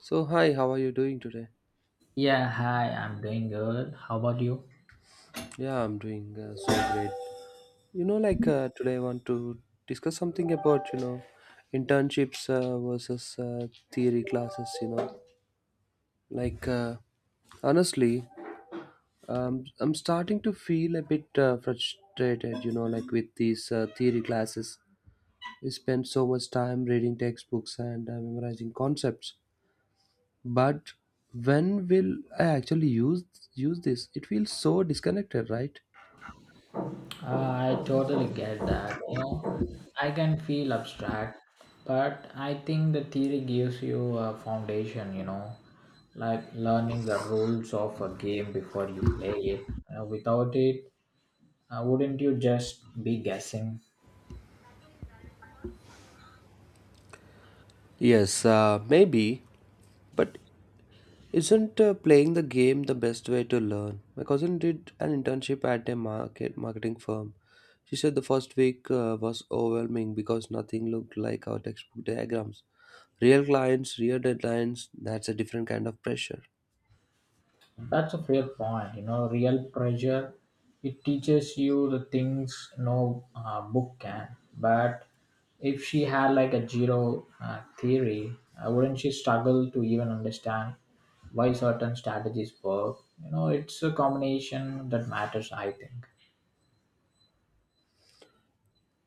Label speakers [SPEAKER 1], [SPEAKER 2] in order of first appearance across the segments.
[SPEAKER 1] So, hi, how are you doing today?
[SPEAKER 2] Yeah, hi, I'm doing good. How about you?
[SPEAKER 1] Yeah, I'm doing so great. Today I want to discuss something about, you know, internships versus theory classes, you know. Like, uh, honestly, I'm starting to feel a bit frustrated, you know, like with these theory classes. We spend so much time reading textbooks and memorizing concepts. But when will I actually use this? It feels so disconnected, right?
[SPEAKER 2] I totally get that. You know, I can feel abstract, but I think the theory gives you a foundation, you know, like learning the rules of a game before you play it. Without it, wouldn't you just be guessing?
[SPEAKER 1] Yes, maybe, but isn't playing the game the best way to learn? My cousin did an internship at a marketing firm. She said the first week was overwhelming because nothing looked like our textbook diagrams. Real clients, real deadlines, that's a different kind of pressure.
[SPEAKER 2] That's a fair point. You know, real pressure, it teaches you the things no book can. But if she had like a zero theory, wouldn't she struggle to even understand why certain strategies work? You know, it's a combination that matters, I think.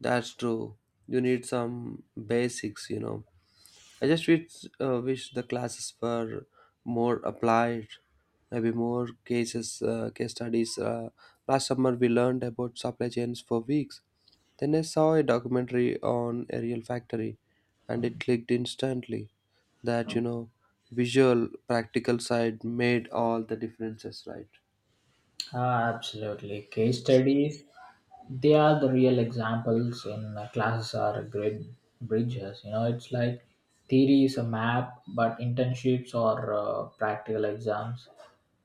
[SPEAKER 1] That's true. You need some basics, you know. I just wish the classes were more applied, maybe more case studies. Last summer, we learned about supply chains for weeks. Then I saw a documentary on a real factory, and it clicked instantly that, you know, visual, practical side made all the differences, right?
[SPEAKER 2] Ah, absolutely. Case studies they are the real examples in classes are grid bridges, you know. It's like theory is a map, but internships or practical exams,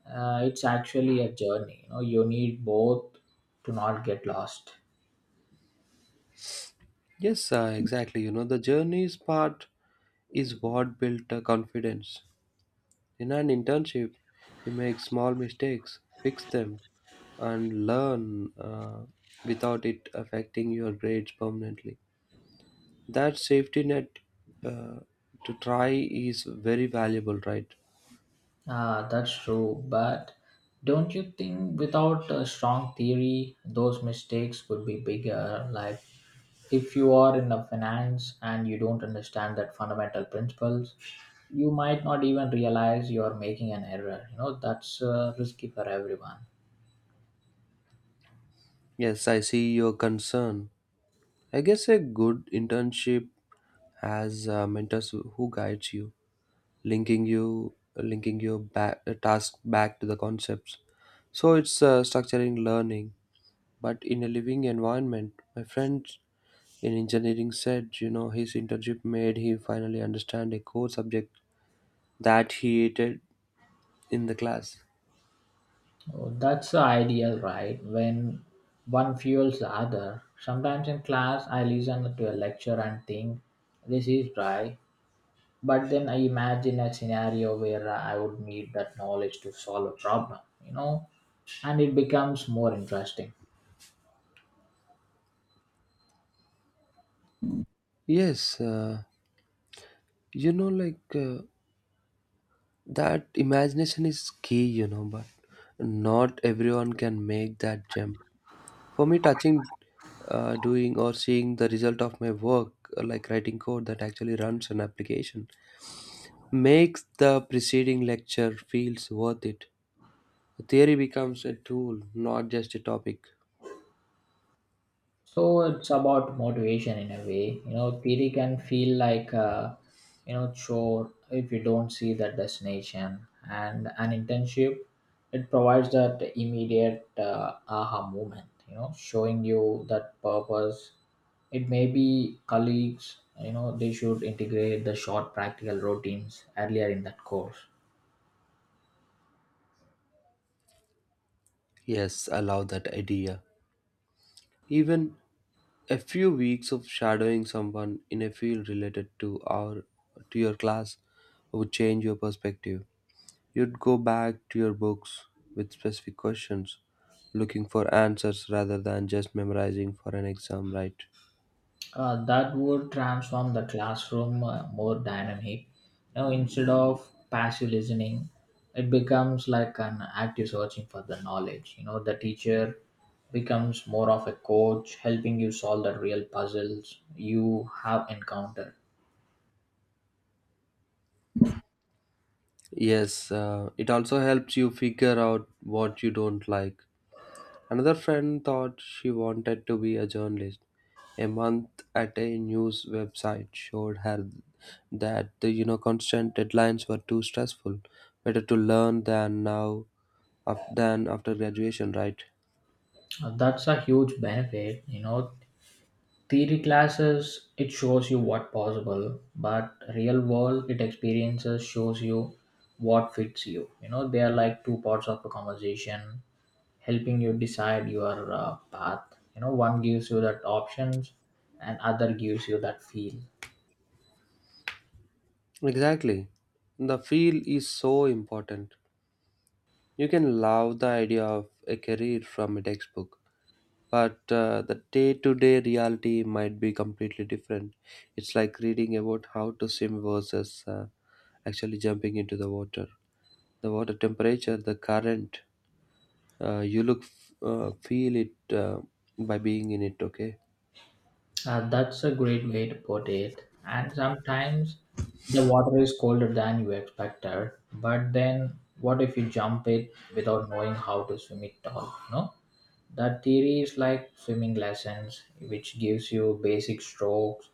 [SPEAKER 2] it's actually a journey. You know, you need both to not get lost.
[SPEAKER 1] Yes, exactly. You know, the journey's part is what built confidence. In an internship, you make small mistakes, fix them, and learn, without it affecting your grades permanently. That safety net uh, to try is very valuable, right?
[SPEAKER 2] Ah, that's true. But don't you think without a strong theory, those mistakes would be bigger? Like if you are in a finance and you don't understand that fundamental principles, you might not even realize you are making an error. You know, that's risky for everyone.
[SPEAKER 1] Yes, I see your concern. I guess a good internship has mentors who guides you, linking your back, task back to the concepts. So it's structuring learning, but in a living environment. My friends in engineering said, you know, his internship made him finally understand a core subject that he hated in the class.
[SPEAKER 2] Oh, that's the ideal, right? When one fuels the other. Sometimes in class, I listen to a lecture and think, this is dry. But then I imagine a scenario where I would need that knowledge to solve a problem, you know, and it becomes more interesting.
[SPEAKER 1] Yes, you know like uh, that imagination is key, you know, but not everyone can make that jump. For me, touching, doing, or seeing the result of my work, like writing code that actually runs an application, makes the preceding lecture feels worth it. The theory becomes a tool, not just a topic.
[SPEAKER 2] So it's about motivation in a way, you know. Theory can feel like a, you know, chore if you don't see that destination, and an internship, it provides that immediate aha moment, you know, showing you that purpose. It may be colleagues, you know, they should integrate the short practical routines earlier in that course.
[SPEAKER 1] Yes, I love that idea. Even a few weeks of shadowing someone in a field related to our to your class would change your perspective. You'd go back to your books with specific questions, looking for answers rather than just memorizing for an exam, right?
[SPEAKER 2] That would transform the classroom more dynamic. Now, instead of passive listening, it becomes like an active searching for the knowledge. You know, the teacher becomes more of a coach, helping you solve the real puzzles you have encountered.
[SPEAKER 1] Yes, it also helps you figure out what you don't like. Another friend thought she wanted to be a journalist. A month at a news website showed her that the, you know, constant deadlines were too stressful. Better to learn than now than after graduation, right?
[SPEAKER 2] That's a huge benefit. You know, theory classes it shows you what possible, but real world it experiences shows you what fits you. You know, they are like two parts of a conversation helping you decide your path. You know, one gives you that options and other gives you that feel.
[SPEAKER 1] Exactly. The field is so important. You can love the idea of a career from a textbook, but the day to day reality might be completely different. It's like reading about how to swim versus actually jumping into the water. The water temperature, the current, feel it by being in it. Okay.
[SPEAKER 2] That's a great way to put it, and sometimes the water is colder than you expected. But then what if you jump it without knowing how to swim it all? No, that theory is like swimming lessons, which gives you basic strokes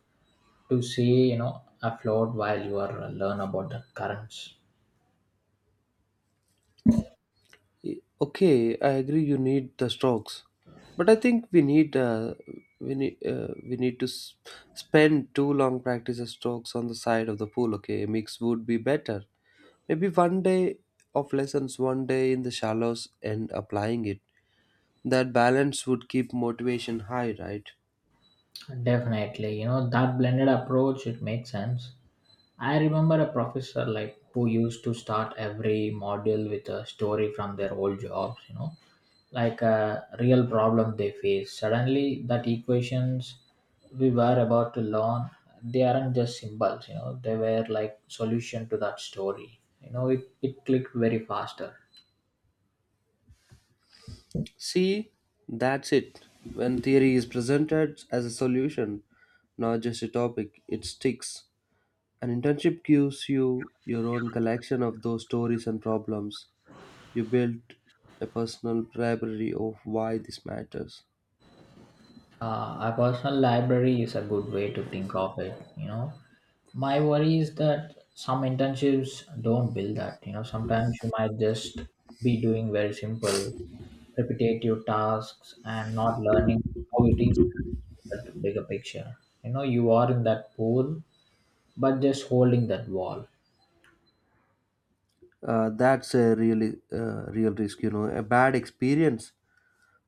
[SPEAKER 2] to see, you know, afloat while you are learn about the currents.
[SPEAKER 1] Okay, I agree. You need the strokes, but I think we need we need we need to s- spend too long practice the strokes on the side of the pool. Okay, a mix would be better. Maybe one day of lessons, one day in the shallows, and applying it. That balance would keep motivation high, right?
[SPEAKER 2] Definitely, you know, that blended approach, it makes sense. I remember a professor like who used to start every module with a story from their old jobs, you know, like a real problem they face. Suddenly, that equations we were about to learn, they aren't just symbols, you know, they were like solution to that story. You know, it clicked very faster.
[SPEAKER 1] See, that's it. When theory is presented as a solution, not just a topic, it sticks. An internship gives you your own collection of those stories and problems. You build a personal library of why this matters.
[SPEAKER 2] A personal library is a good way to think of it. You know, my worry is that some internships don't build that. You know, sometimes you might just be doing very simple, repetitive tasks and not learning how it is that bigger picture. You know, you are in that pool, but just holding that wall.
[SPEAKER 1] That's a really real risk, you know. A bad experience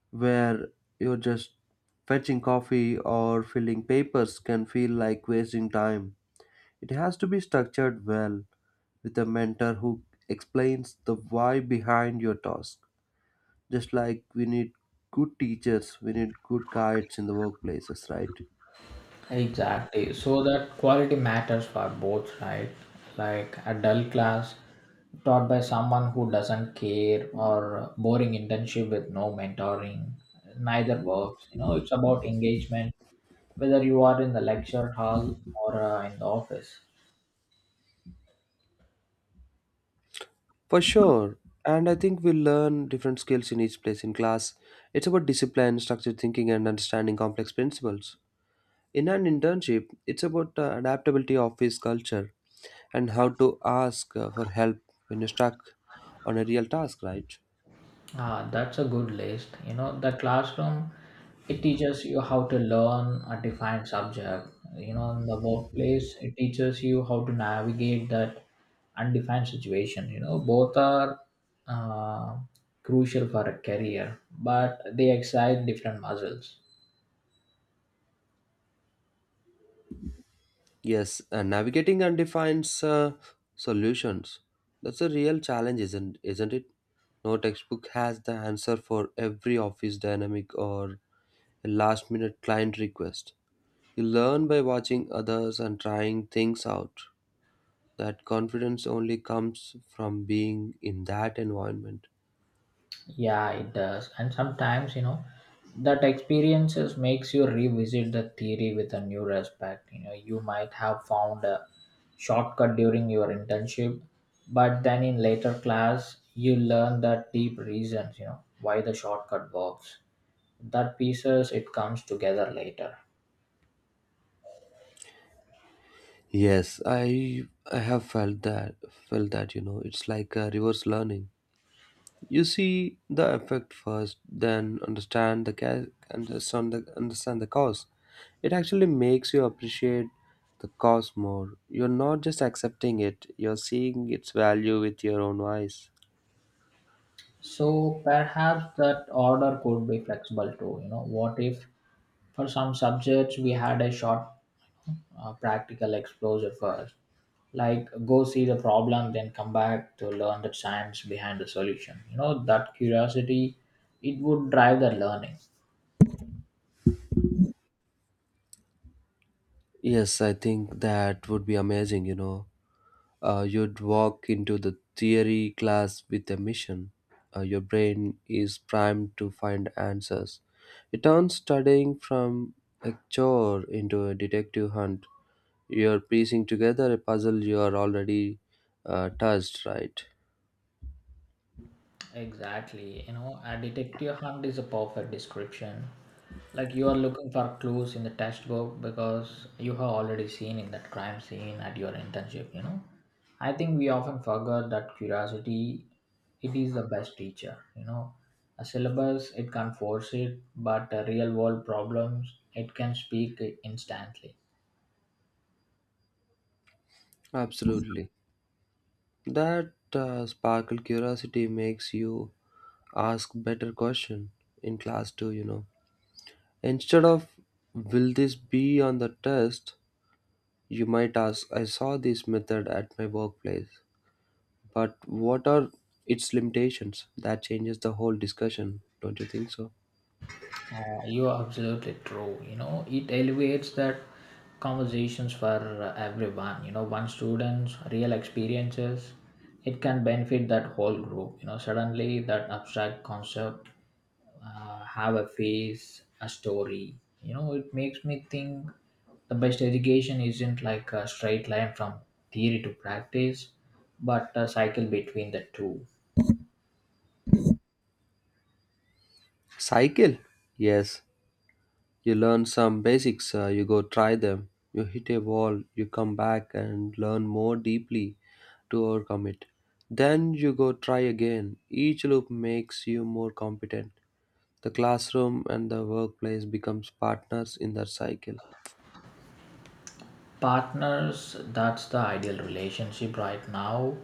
[SPEAKER 1] where you're just fetching coffee or filling papers can feel like wasting time. It has to be structured well with a mentor who explains the why behind your task. Just like we need good teachers, we need good guides in the workplaces, right?
[SPEAKER 2] Exactly. So that quality matters for both, right? Like a dull class taught by someone who doesn't care or boring internship with no mentoring, neither works. You know, it's about engagement, whether you are in the lecture hall or in the office.
[SPEAKER 1] For sure. And I think we learn different skills in each place. In class, it's about discipline, structured thinking, and understanding complex principles. In an internship, it's about adaptability, office culture, and how to ask for help when you're stuck on a real task, right?
[SPEAKER 2] Ah, that's a good list. You know, the classroom, it teaches you how to learn a defined subject. You know, in the workplace, it teaches you how to navigate that undefined situation. You know, both are uh, crucial for a career, but they excite different muscles.
[SPEAKER 1] Yes, navigating undefined solutions. That's a real challenge, isn't it? No textbook has the answer for every office dynamic or a last-minute client request. You learn by watching others and trying things out. That confidence only comes from being in that environment.
[SPEAKER 2] Yeah, it does. And sometimes, you know, that experiences makes you revisit the theory with a new respect. You know, you might have found a shortcut during your internship, but then in later class, you learn the deep reasons, you know, why the shortcut works. That pieces it comes together later.
[SPEAKER 1] Yes, I have felt that, you know, it's like a reverse learning. You see the effect first, then understand the ca- understand the cause. It actually makes you appreciate the cause more. You're not just accepting it; you're seeing its value with your own eyes.
[SPEAKER 2] So perhaps that order could be flexible too. You know, what if for some subjects we had a short practical exposure first. Like, go see the problem, then come back to learn the science behind the solution. You know, that curiosity, it would drive the learning.
[SPEAKER 1] Yes, I think that would be amazing. You know, uh, you'd walk into the theory class with a mission. Your brain is primed to find answers. It turns studying from a chore into a detective hunt. You're piecing together a puzzle you are already touched, right?
[SPEAKER 2] Exactly. You know, a detective hunt is a perfect description. Like you are looking for clues in the textbook because you have already seen in that crime scene at your internship, you know. I think we often forget that curiosity it is the best teacher, you know. A syllabus it can force it, but real world problems it can speak instantly.
[SPEAKER 1] Absolutely. That sparkle curiosity makes you ask better question in class too, you know. Instead of will this be on the test, you might ask, I saw this method at my workplace, but what are its limitations? That changes the whole discussion, don't you think so?
[SPEAKER 2] You're absolutely true. You know, it elevates that conversations for everyone. You know, one student's real experiences, it can benefit that whole group. You know, suddenly that abstract concept have a face, a story. You know, it makes me think the best education isn't like a straight line from theory to practice, but a cycle between the two.
[SPEAKER 1] Cycle? Yes. You learn some basics, you go try them, you hit a wall, you come back and learn more deeply to overcome it. Then you go try again. Each loop makes you more competent. The classroom and the workplace becomes partners in that cycle.
[SPEAKER 2] Partners, that's the ideal relationship. Right now,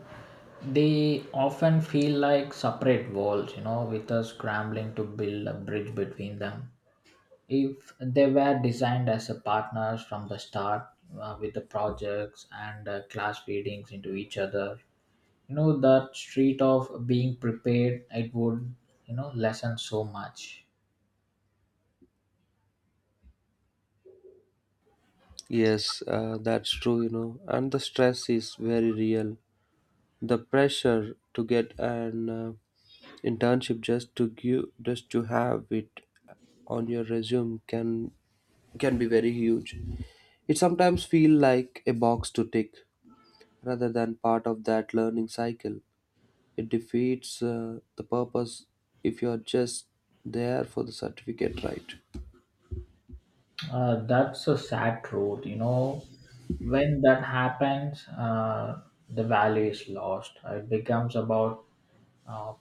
[SPEAKER 2] they often feel like separate walls, you know, with us scrambling to build a bridge between them. If they were designed as a partners from the start, with the projects and class feedings into each other, you know, that street of being prepared, it would, you know, lessen so much.
[SPEAKER 1] Yes, that's true, you know, and the stress is very real. The pressure to get an internship just to have it on your resume can be very huge. It sometimes feel like a box to tick rather than part of that learning cycle. It defeats the purpose if you are just there for the certificate, right?
[SPEAKER 2] That's a sad truth. You know, when that happens, the value is lost. It becomes about uh,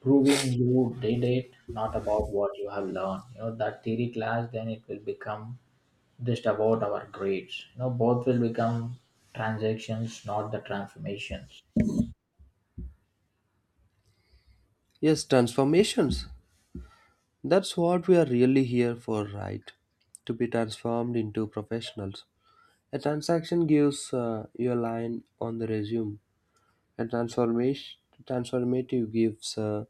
[SPEAKER 2] proving you did it, not about what you have learned. You know, that theory class, then it will become just about our grades. You know, both will become transactions, not the transformations.
[SPEAKER 1] Yes, transformations. That's what we are really here for, right? To be transformed into professionals. A transaction gives you a line on the resume. A transformation transformative gives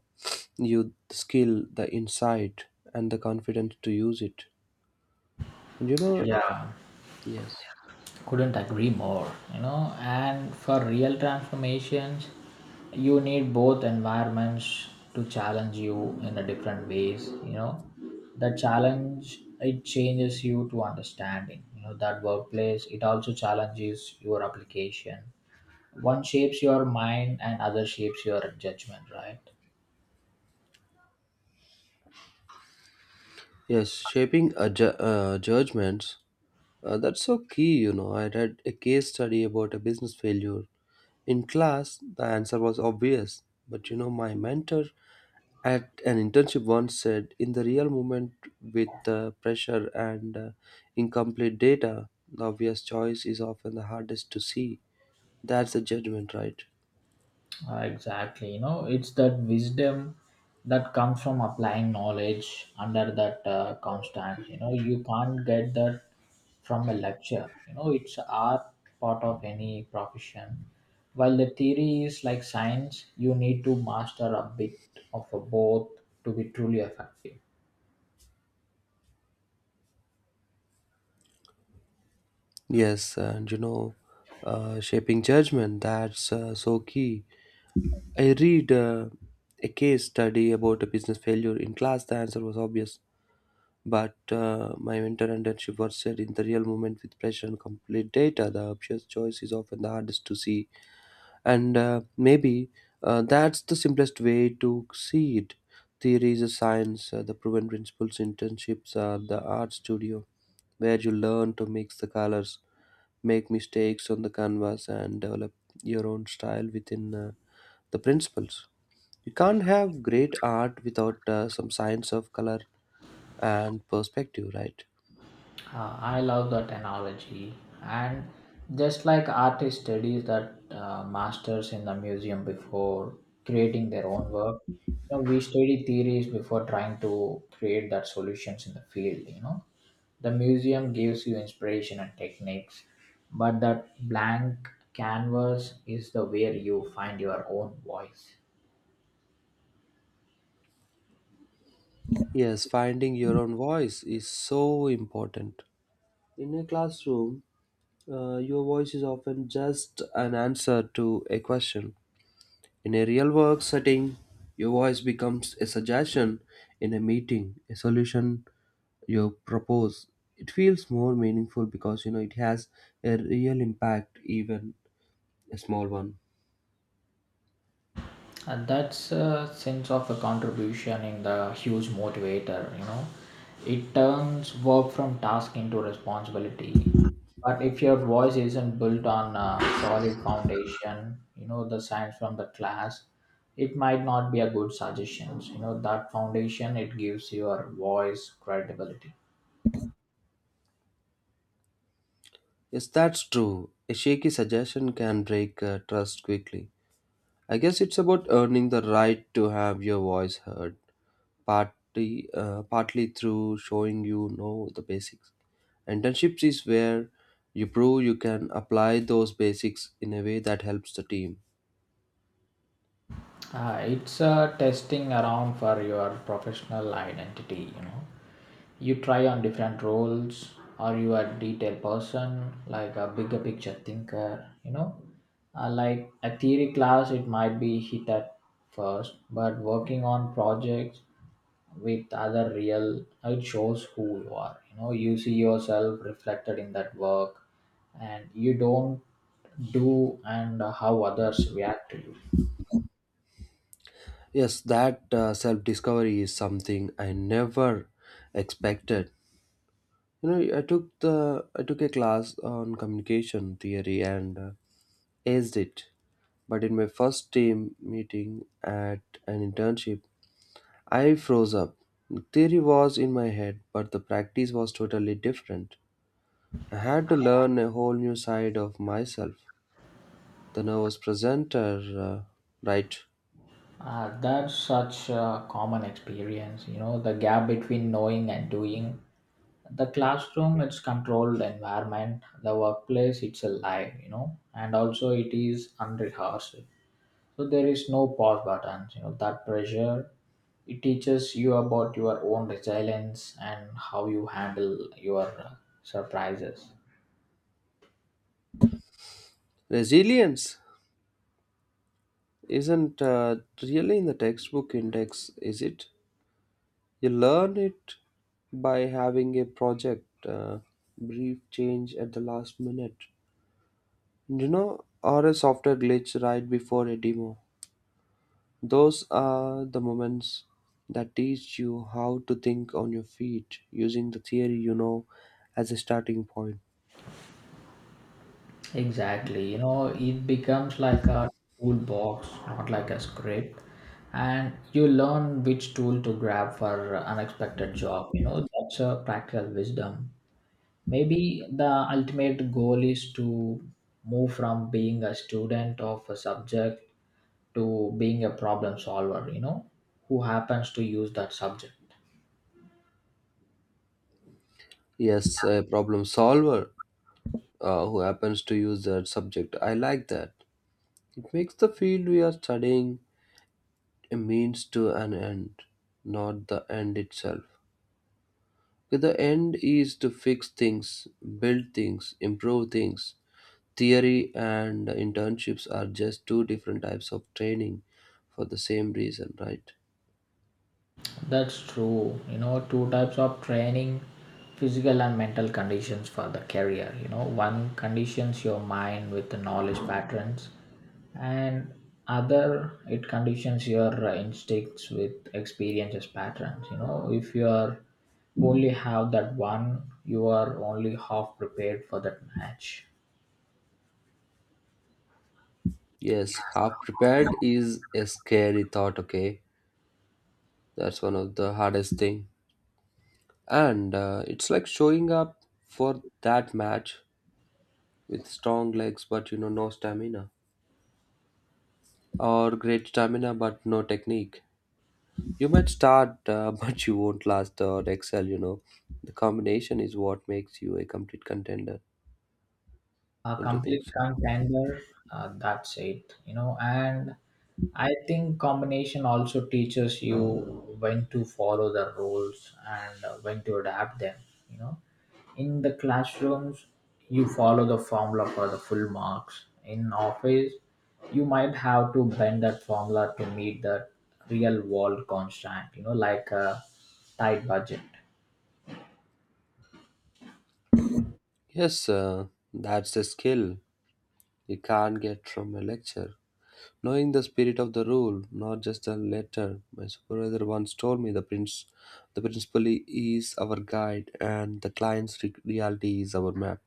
[SPEAKER 1] you the skill, the insight, and the confidence to use it. And you know,
[SPEAKER 2] Yeah.
[SPEAKER 1] yes.
[SPEAKER 2] Couldn't agree more, you know. And for real transformations you need both environments to challenge you in a different ways, you know. The challenge it changes you to understanding, you know. That workplace it also challenges your application. One shapes your mind and other shapes your judgment, right?
[SPEAKER 1] Yes, shaping a judgments. That's so key, you know. I read a case study about a business failure. In class, the answer was obvious, but, you know, my mentor at an internship once said, in the real moment with pressure and incomplete data, the obvious choice is often the hardest to see. That's a judgment, right?
[SPEAKER 2] Exactly. You know, it's that wisdom that comes from applying knowledge under that constant. You know, you can't get that from a lecture. You know, it's our part of any profession. While the theory is like science, you need to master a bit of a both to be truly effective.
[SPEAKER 1] Yes, and you know, shaping judgment, that's so key. I read a case study about a business failure in class. The answer was obvious, but my mentor and internship were said in the real moment with pressure and complete data. The obvious choice is often the hardest to see, and maybe that's the simplest way to see it. Theory is a science. The proven principles internships are the art studio, where you learn to mix the colors, make mistakes on the canvas, and develop your own style within the principles. You can't have great art without some science of color and perspective, right?
[SPEAKER 2] I love that analogy. And just like artist studies that masters in the museum before creating their own work, you know, we study theories before trying to create that solutions in the field, you know. The museum gives you inspiration and techniques, but that blank canvas is the where you find your own voice.
[SPEAKER 1] Yes, finding your own voice is so important. In a classroom, your voice is often just an answer to a question. In a real work setting, your voice becomes a suggestion. In a meeting, a solution you propose. It feels more meaningful because you know it has a real impact, even a small one.
[SPEAKER 2] And that's a sense of a contribution in the huge motivator, you know. It turns work from task into responsibility. But if your voice isn't built on a solid foundation, you know, the science from the class, it might not be a good suggestions. You know, that foundation, it gives your voice credibility.
[SPEAKER 1] Yes, that's true. A shaky suggestion can break trust quickly. I guess it's about earning the right to have your voice heard, partly through showing, you know, the basics. Internships is where you prove you can apply those basics in a way that helps the team.
[SPEAKER 2] It's a testing around for your professional identity, you know. You try on different roles or you are detail person like a bigger picture thinker, you know. Like a theory class it might be hit at first, but working on projects with other real it shows who you are. You know, you see yourself reflected in that work and you don't do, and how others react to you.
[SPEAKER 1] Yes, that self discovery is something I never expected. You know, I took a class on communication theory and aced it, but in my first team meeting at an internship, I froze up. The theory was in my head, but the practice was totally different. I had to learn a whole new side of myself. The nervous presenter, uh, right?
[SPEAKER 2] That's such a common experience, you know. The gap between knowing and doing, the classroom it's controlled environment, the workplace it's alive, you know, and also it is unrehearsed. So there is no pause buttons, you know. That pressure it teaches you about your own resilience and how you handle your surprises.
[SPEAKER 1] Resilience isn't really in the textbook index, is it? You learn it by having a project brief change at the last minute. You know, or a software glitch right before a demo. Those are the moments that teach you how to think on your feet using the theory, you know, as a starting point.
[SPEAKER 2] Exactly, you know. It becomes like a toolbox, not like a script. And you learn which tool to grab for unexpected job, you know. That's a practical wisdom. Maybe the ultimate goal is to move from being a student of a subject to being a problem solver, you know, who happens to use that subject.
[SPEAKER 1] Yes, a problem solver who happens to use that subject. I like that. It makes the field we are studying a means to an end, not the end itself. Okay, the end is to fix things, build things, improve things. Theory and internships are just two different types of training for the same reason, right?
[SPEAKER 2] That's true. You know, two types of training, physical and mental conditions for the career. You know, one conditions your mind with the knowledge patterns, and other it conditions your instincts with experiences patterns. You know, if you are only have that one, you are only half prepared for that match.
[SPEAKER 1] Yes, half prepared is a scary thought, okay? That's one of the hardest thing. And it's like showing up for that match with strong legs but you know no stamina or great stamina but no technique. You might start but you won't last or excel, you know. The combination is what makes you a complete contender.
[SPEAKER 2] A
[SPEAKER 1] Don't you think
[SPEAKER 2] complete
[SPEAKER 1] so?
[SPEAKER 2] contender. That's it, you know. And I think combination also teaches you when to follow the rules and when to adapt them, you know. In the classrooms you follow the formula for the full marks. In office you might have to bend that formula to meet the real world constant, you know, like a tight budget.
[SPEAKER 1] Yes, that's a skill you can't get from a lecture. Knowing the spirit of the rule, not just the letter. My supervisor once told me the principal is our guide and the client's reality is our map.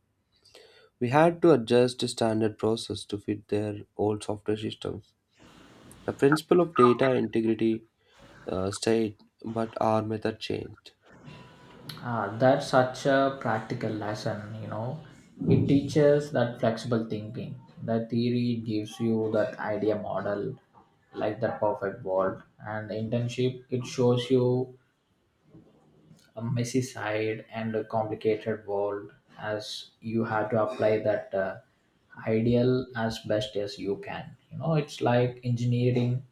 [SPEAKER 1] We had to adjust the standard process to fit their old software systems. The principle of data integrity stayed, but our method changed.
[SPEAKER 2] Ah, that's such a practical lesson, you know. It teaches that flexible thinking. The theory gives you that idea model, like the perfect world. And the internship, it shows you a messy side and a complicated world as you have to apply that ideal as best as you can. You know, it's like engineering.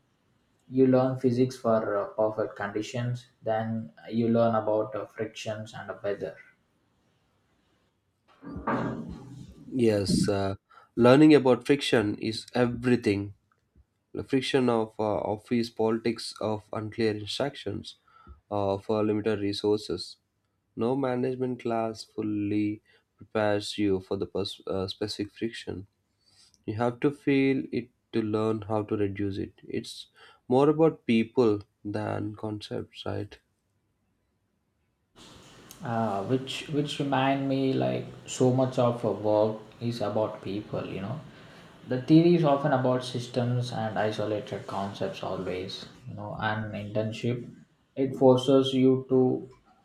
[SPEAKER 2] You learn physics for perfect conditions, then you learn about frictions and weather.
[SPEAKER 1] Yes, learning about friction is everything. The friction of office politics, of unclear instructions, of limited resources. No management class fully prepares you for the specific friction. You have to feel it to learn how to reduce it. It's more about people than concepts, right?
[SPEAKER 2] Which remind me like so much of work is about people, you know. The theory is often about systems and isolated concepts always, you know, and internship it forces you to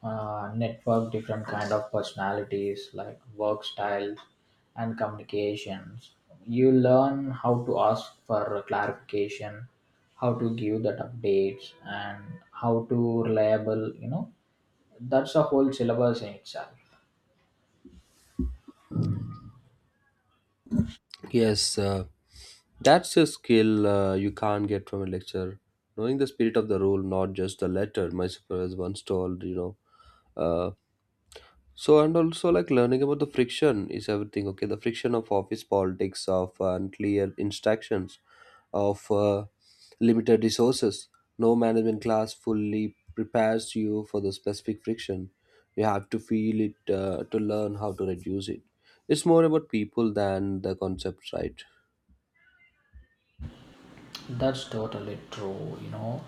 [SPEAKER 2] network different kind of personalities like work styles and communications. You learn how to ask for clarification, how to give that updates, and how to reliable, you know. That's a whole syllabus in itself.
[SPEAKER 1] Yes, that's a skill you can't get from a lecture. Knowing the spirit of the rule, not just the letter. My supervisor once told, know, so and also like learning about the friction is everything. Okay, the friction of office politics, of unclear instructions, of limited resources. No management class fully prepares you for the specific friction. You have to feel it to learn how to reduce it. It's more about people than the concepts, right?
[SPEAKER 2] That's totally true, you know.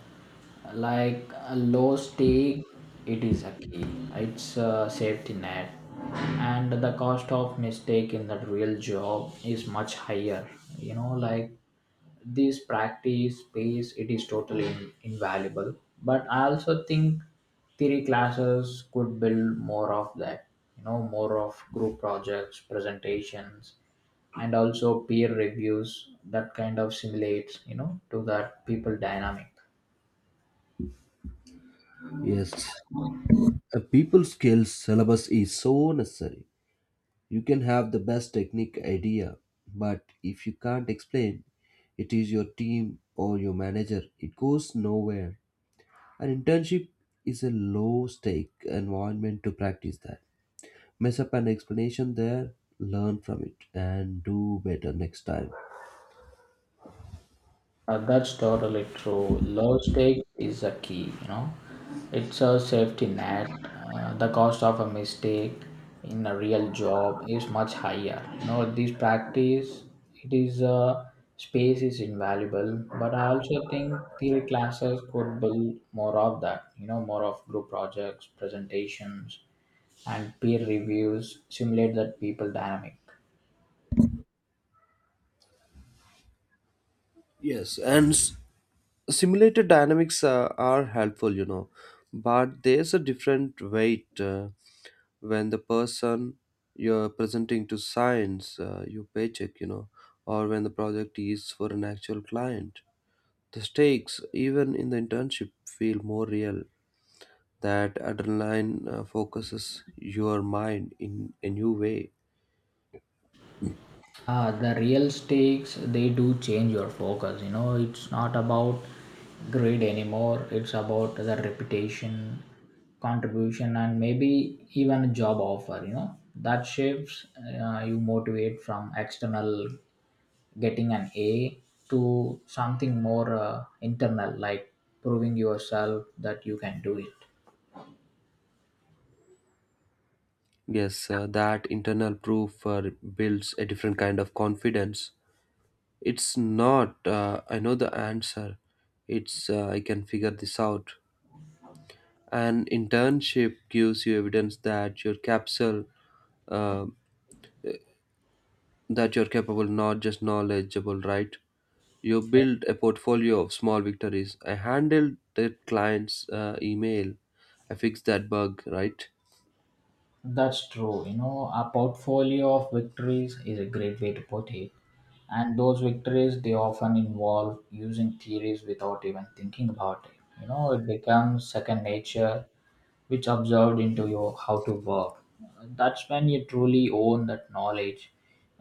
[SPEAKER 2] Like a low stake, it is a key. It's a safety net. And the cost of mistake in that real job is much higher. You know, like this practice space, it is totally invaluable. But I also think theory classes could build more of that. You know, more of group projects, presentations, and also peer reviews that kind of simulates, you know, to that people dynamic.
[SPEAKER 1] Yes, a people skills syllabus is so necessary. You can have the best technique idea, but if you can't explain it is your team or your manager, it goes nowhere. An internship is a low stake environment to practice that. Mess up an explanation there, learn from it, and do better next time.
[SPEAKER 2] That's totally true. Low stakes is a key, you know. It's a safety net. The cost of a mistake in a real job is much higher, you know. This practice, it is, space is invaluable. But I also think theory classes could build more of that, you know, more of group projects, presentations, and peer reviews simulate that people dynamic.
[SPEAKER 1] Yes, simulated dynamics are helpful, you know, but there's a different weight when the person you're presenting to signs your paycheck, you know, or when the project is for an actual client, the stakes even in the internship feel more real. That adrenaline focuses your mind in a new way.
[SPEAKER 2] The real stakes they do change your focus. You know, it's not about grade anymore. It's about the reputation, contribution, and maybe even a job offer. You know, that shifts. You motivate from external, getting an A, to something more internal, like proving yourself that you can do it.
[SPEAKER 1] Yes, that internal proof builds a different kind of confidence. It's not, I know the answer. It's, I can figure this out. An internship gives you evidence that your uh, that you're capable, not just knowledgeable, right? You build a portfolio of small victories. I handled that client's email. I fixed that bug, right?
[SPEAKER 2] That's true. You know, a portfolio of victories is a great way to put it. And those victories, they often involve using theories without even thinking about it. You know, it becomes second nature, which absorbed into your how to work. That's when you truly own that knowledge.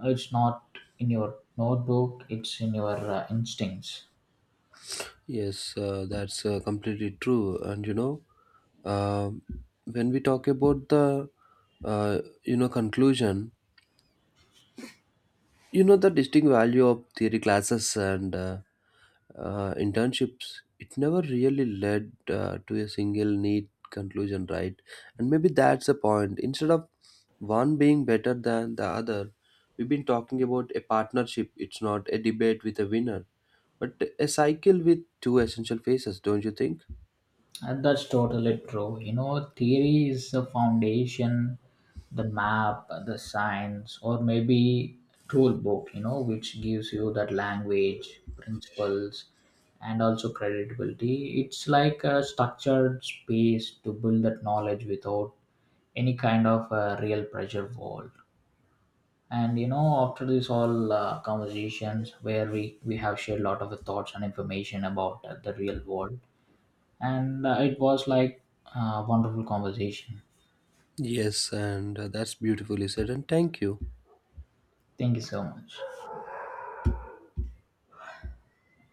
[SPEAKER 2] It's not in your notebook, it's in your instincts.
[SPEAKER 1] Yes, that's completely true. And you know, um, when we talk about the conclusion. You know, the distinct value of theory classes and internships. It never really led to a single neat conclusion, right? And maybe that's the point. Instead of one being better than the other, we've been talking about a partnership. It's not a debate with a winner, but a cycle with two essential phases, don't you think?
[SPEAKER 2] And that's totally true. You know, theory is the foundation, the map, the science, or maybe tool book, you know, which gives you that language, principles, and also credibility. It's like a structured space to build that knowledge without any kind of real pressure wall. And you know, after this all conversations where we have shared a lot of thoughts and information about the real world, and it was like a wonderful conversation.
[SPEAKER 1] Yes, and that's beautifully said. And thank you.
[SPEAKER 2] Thank you so much.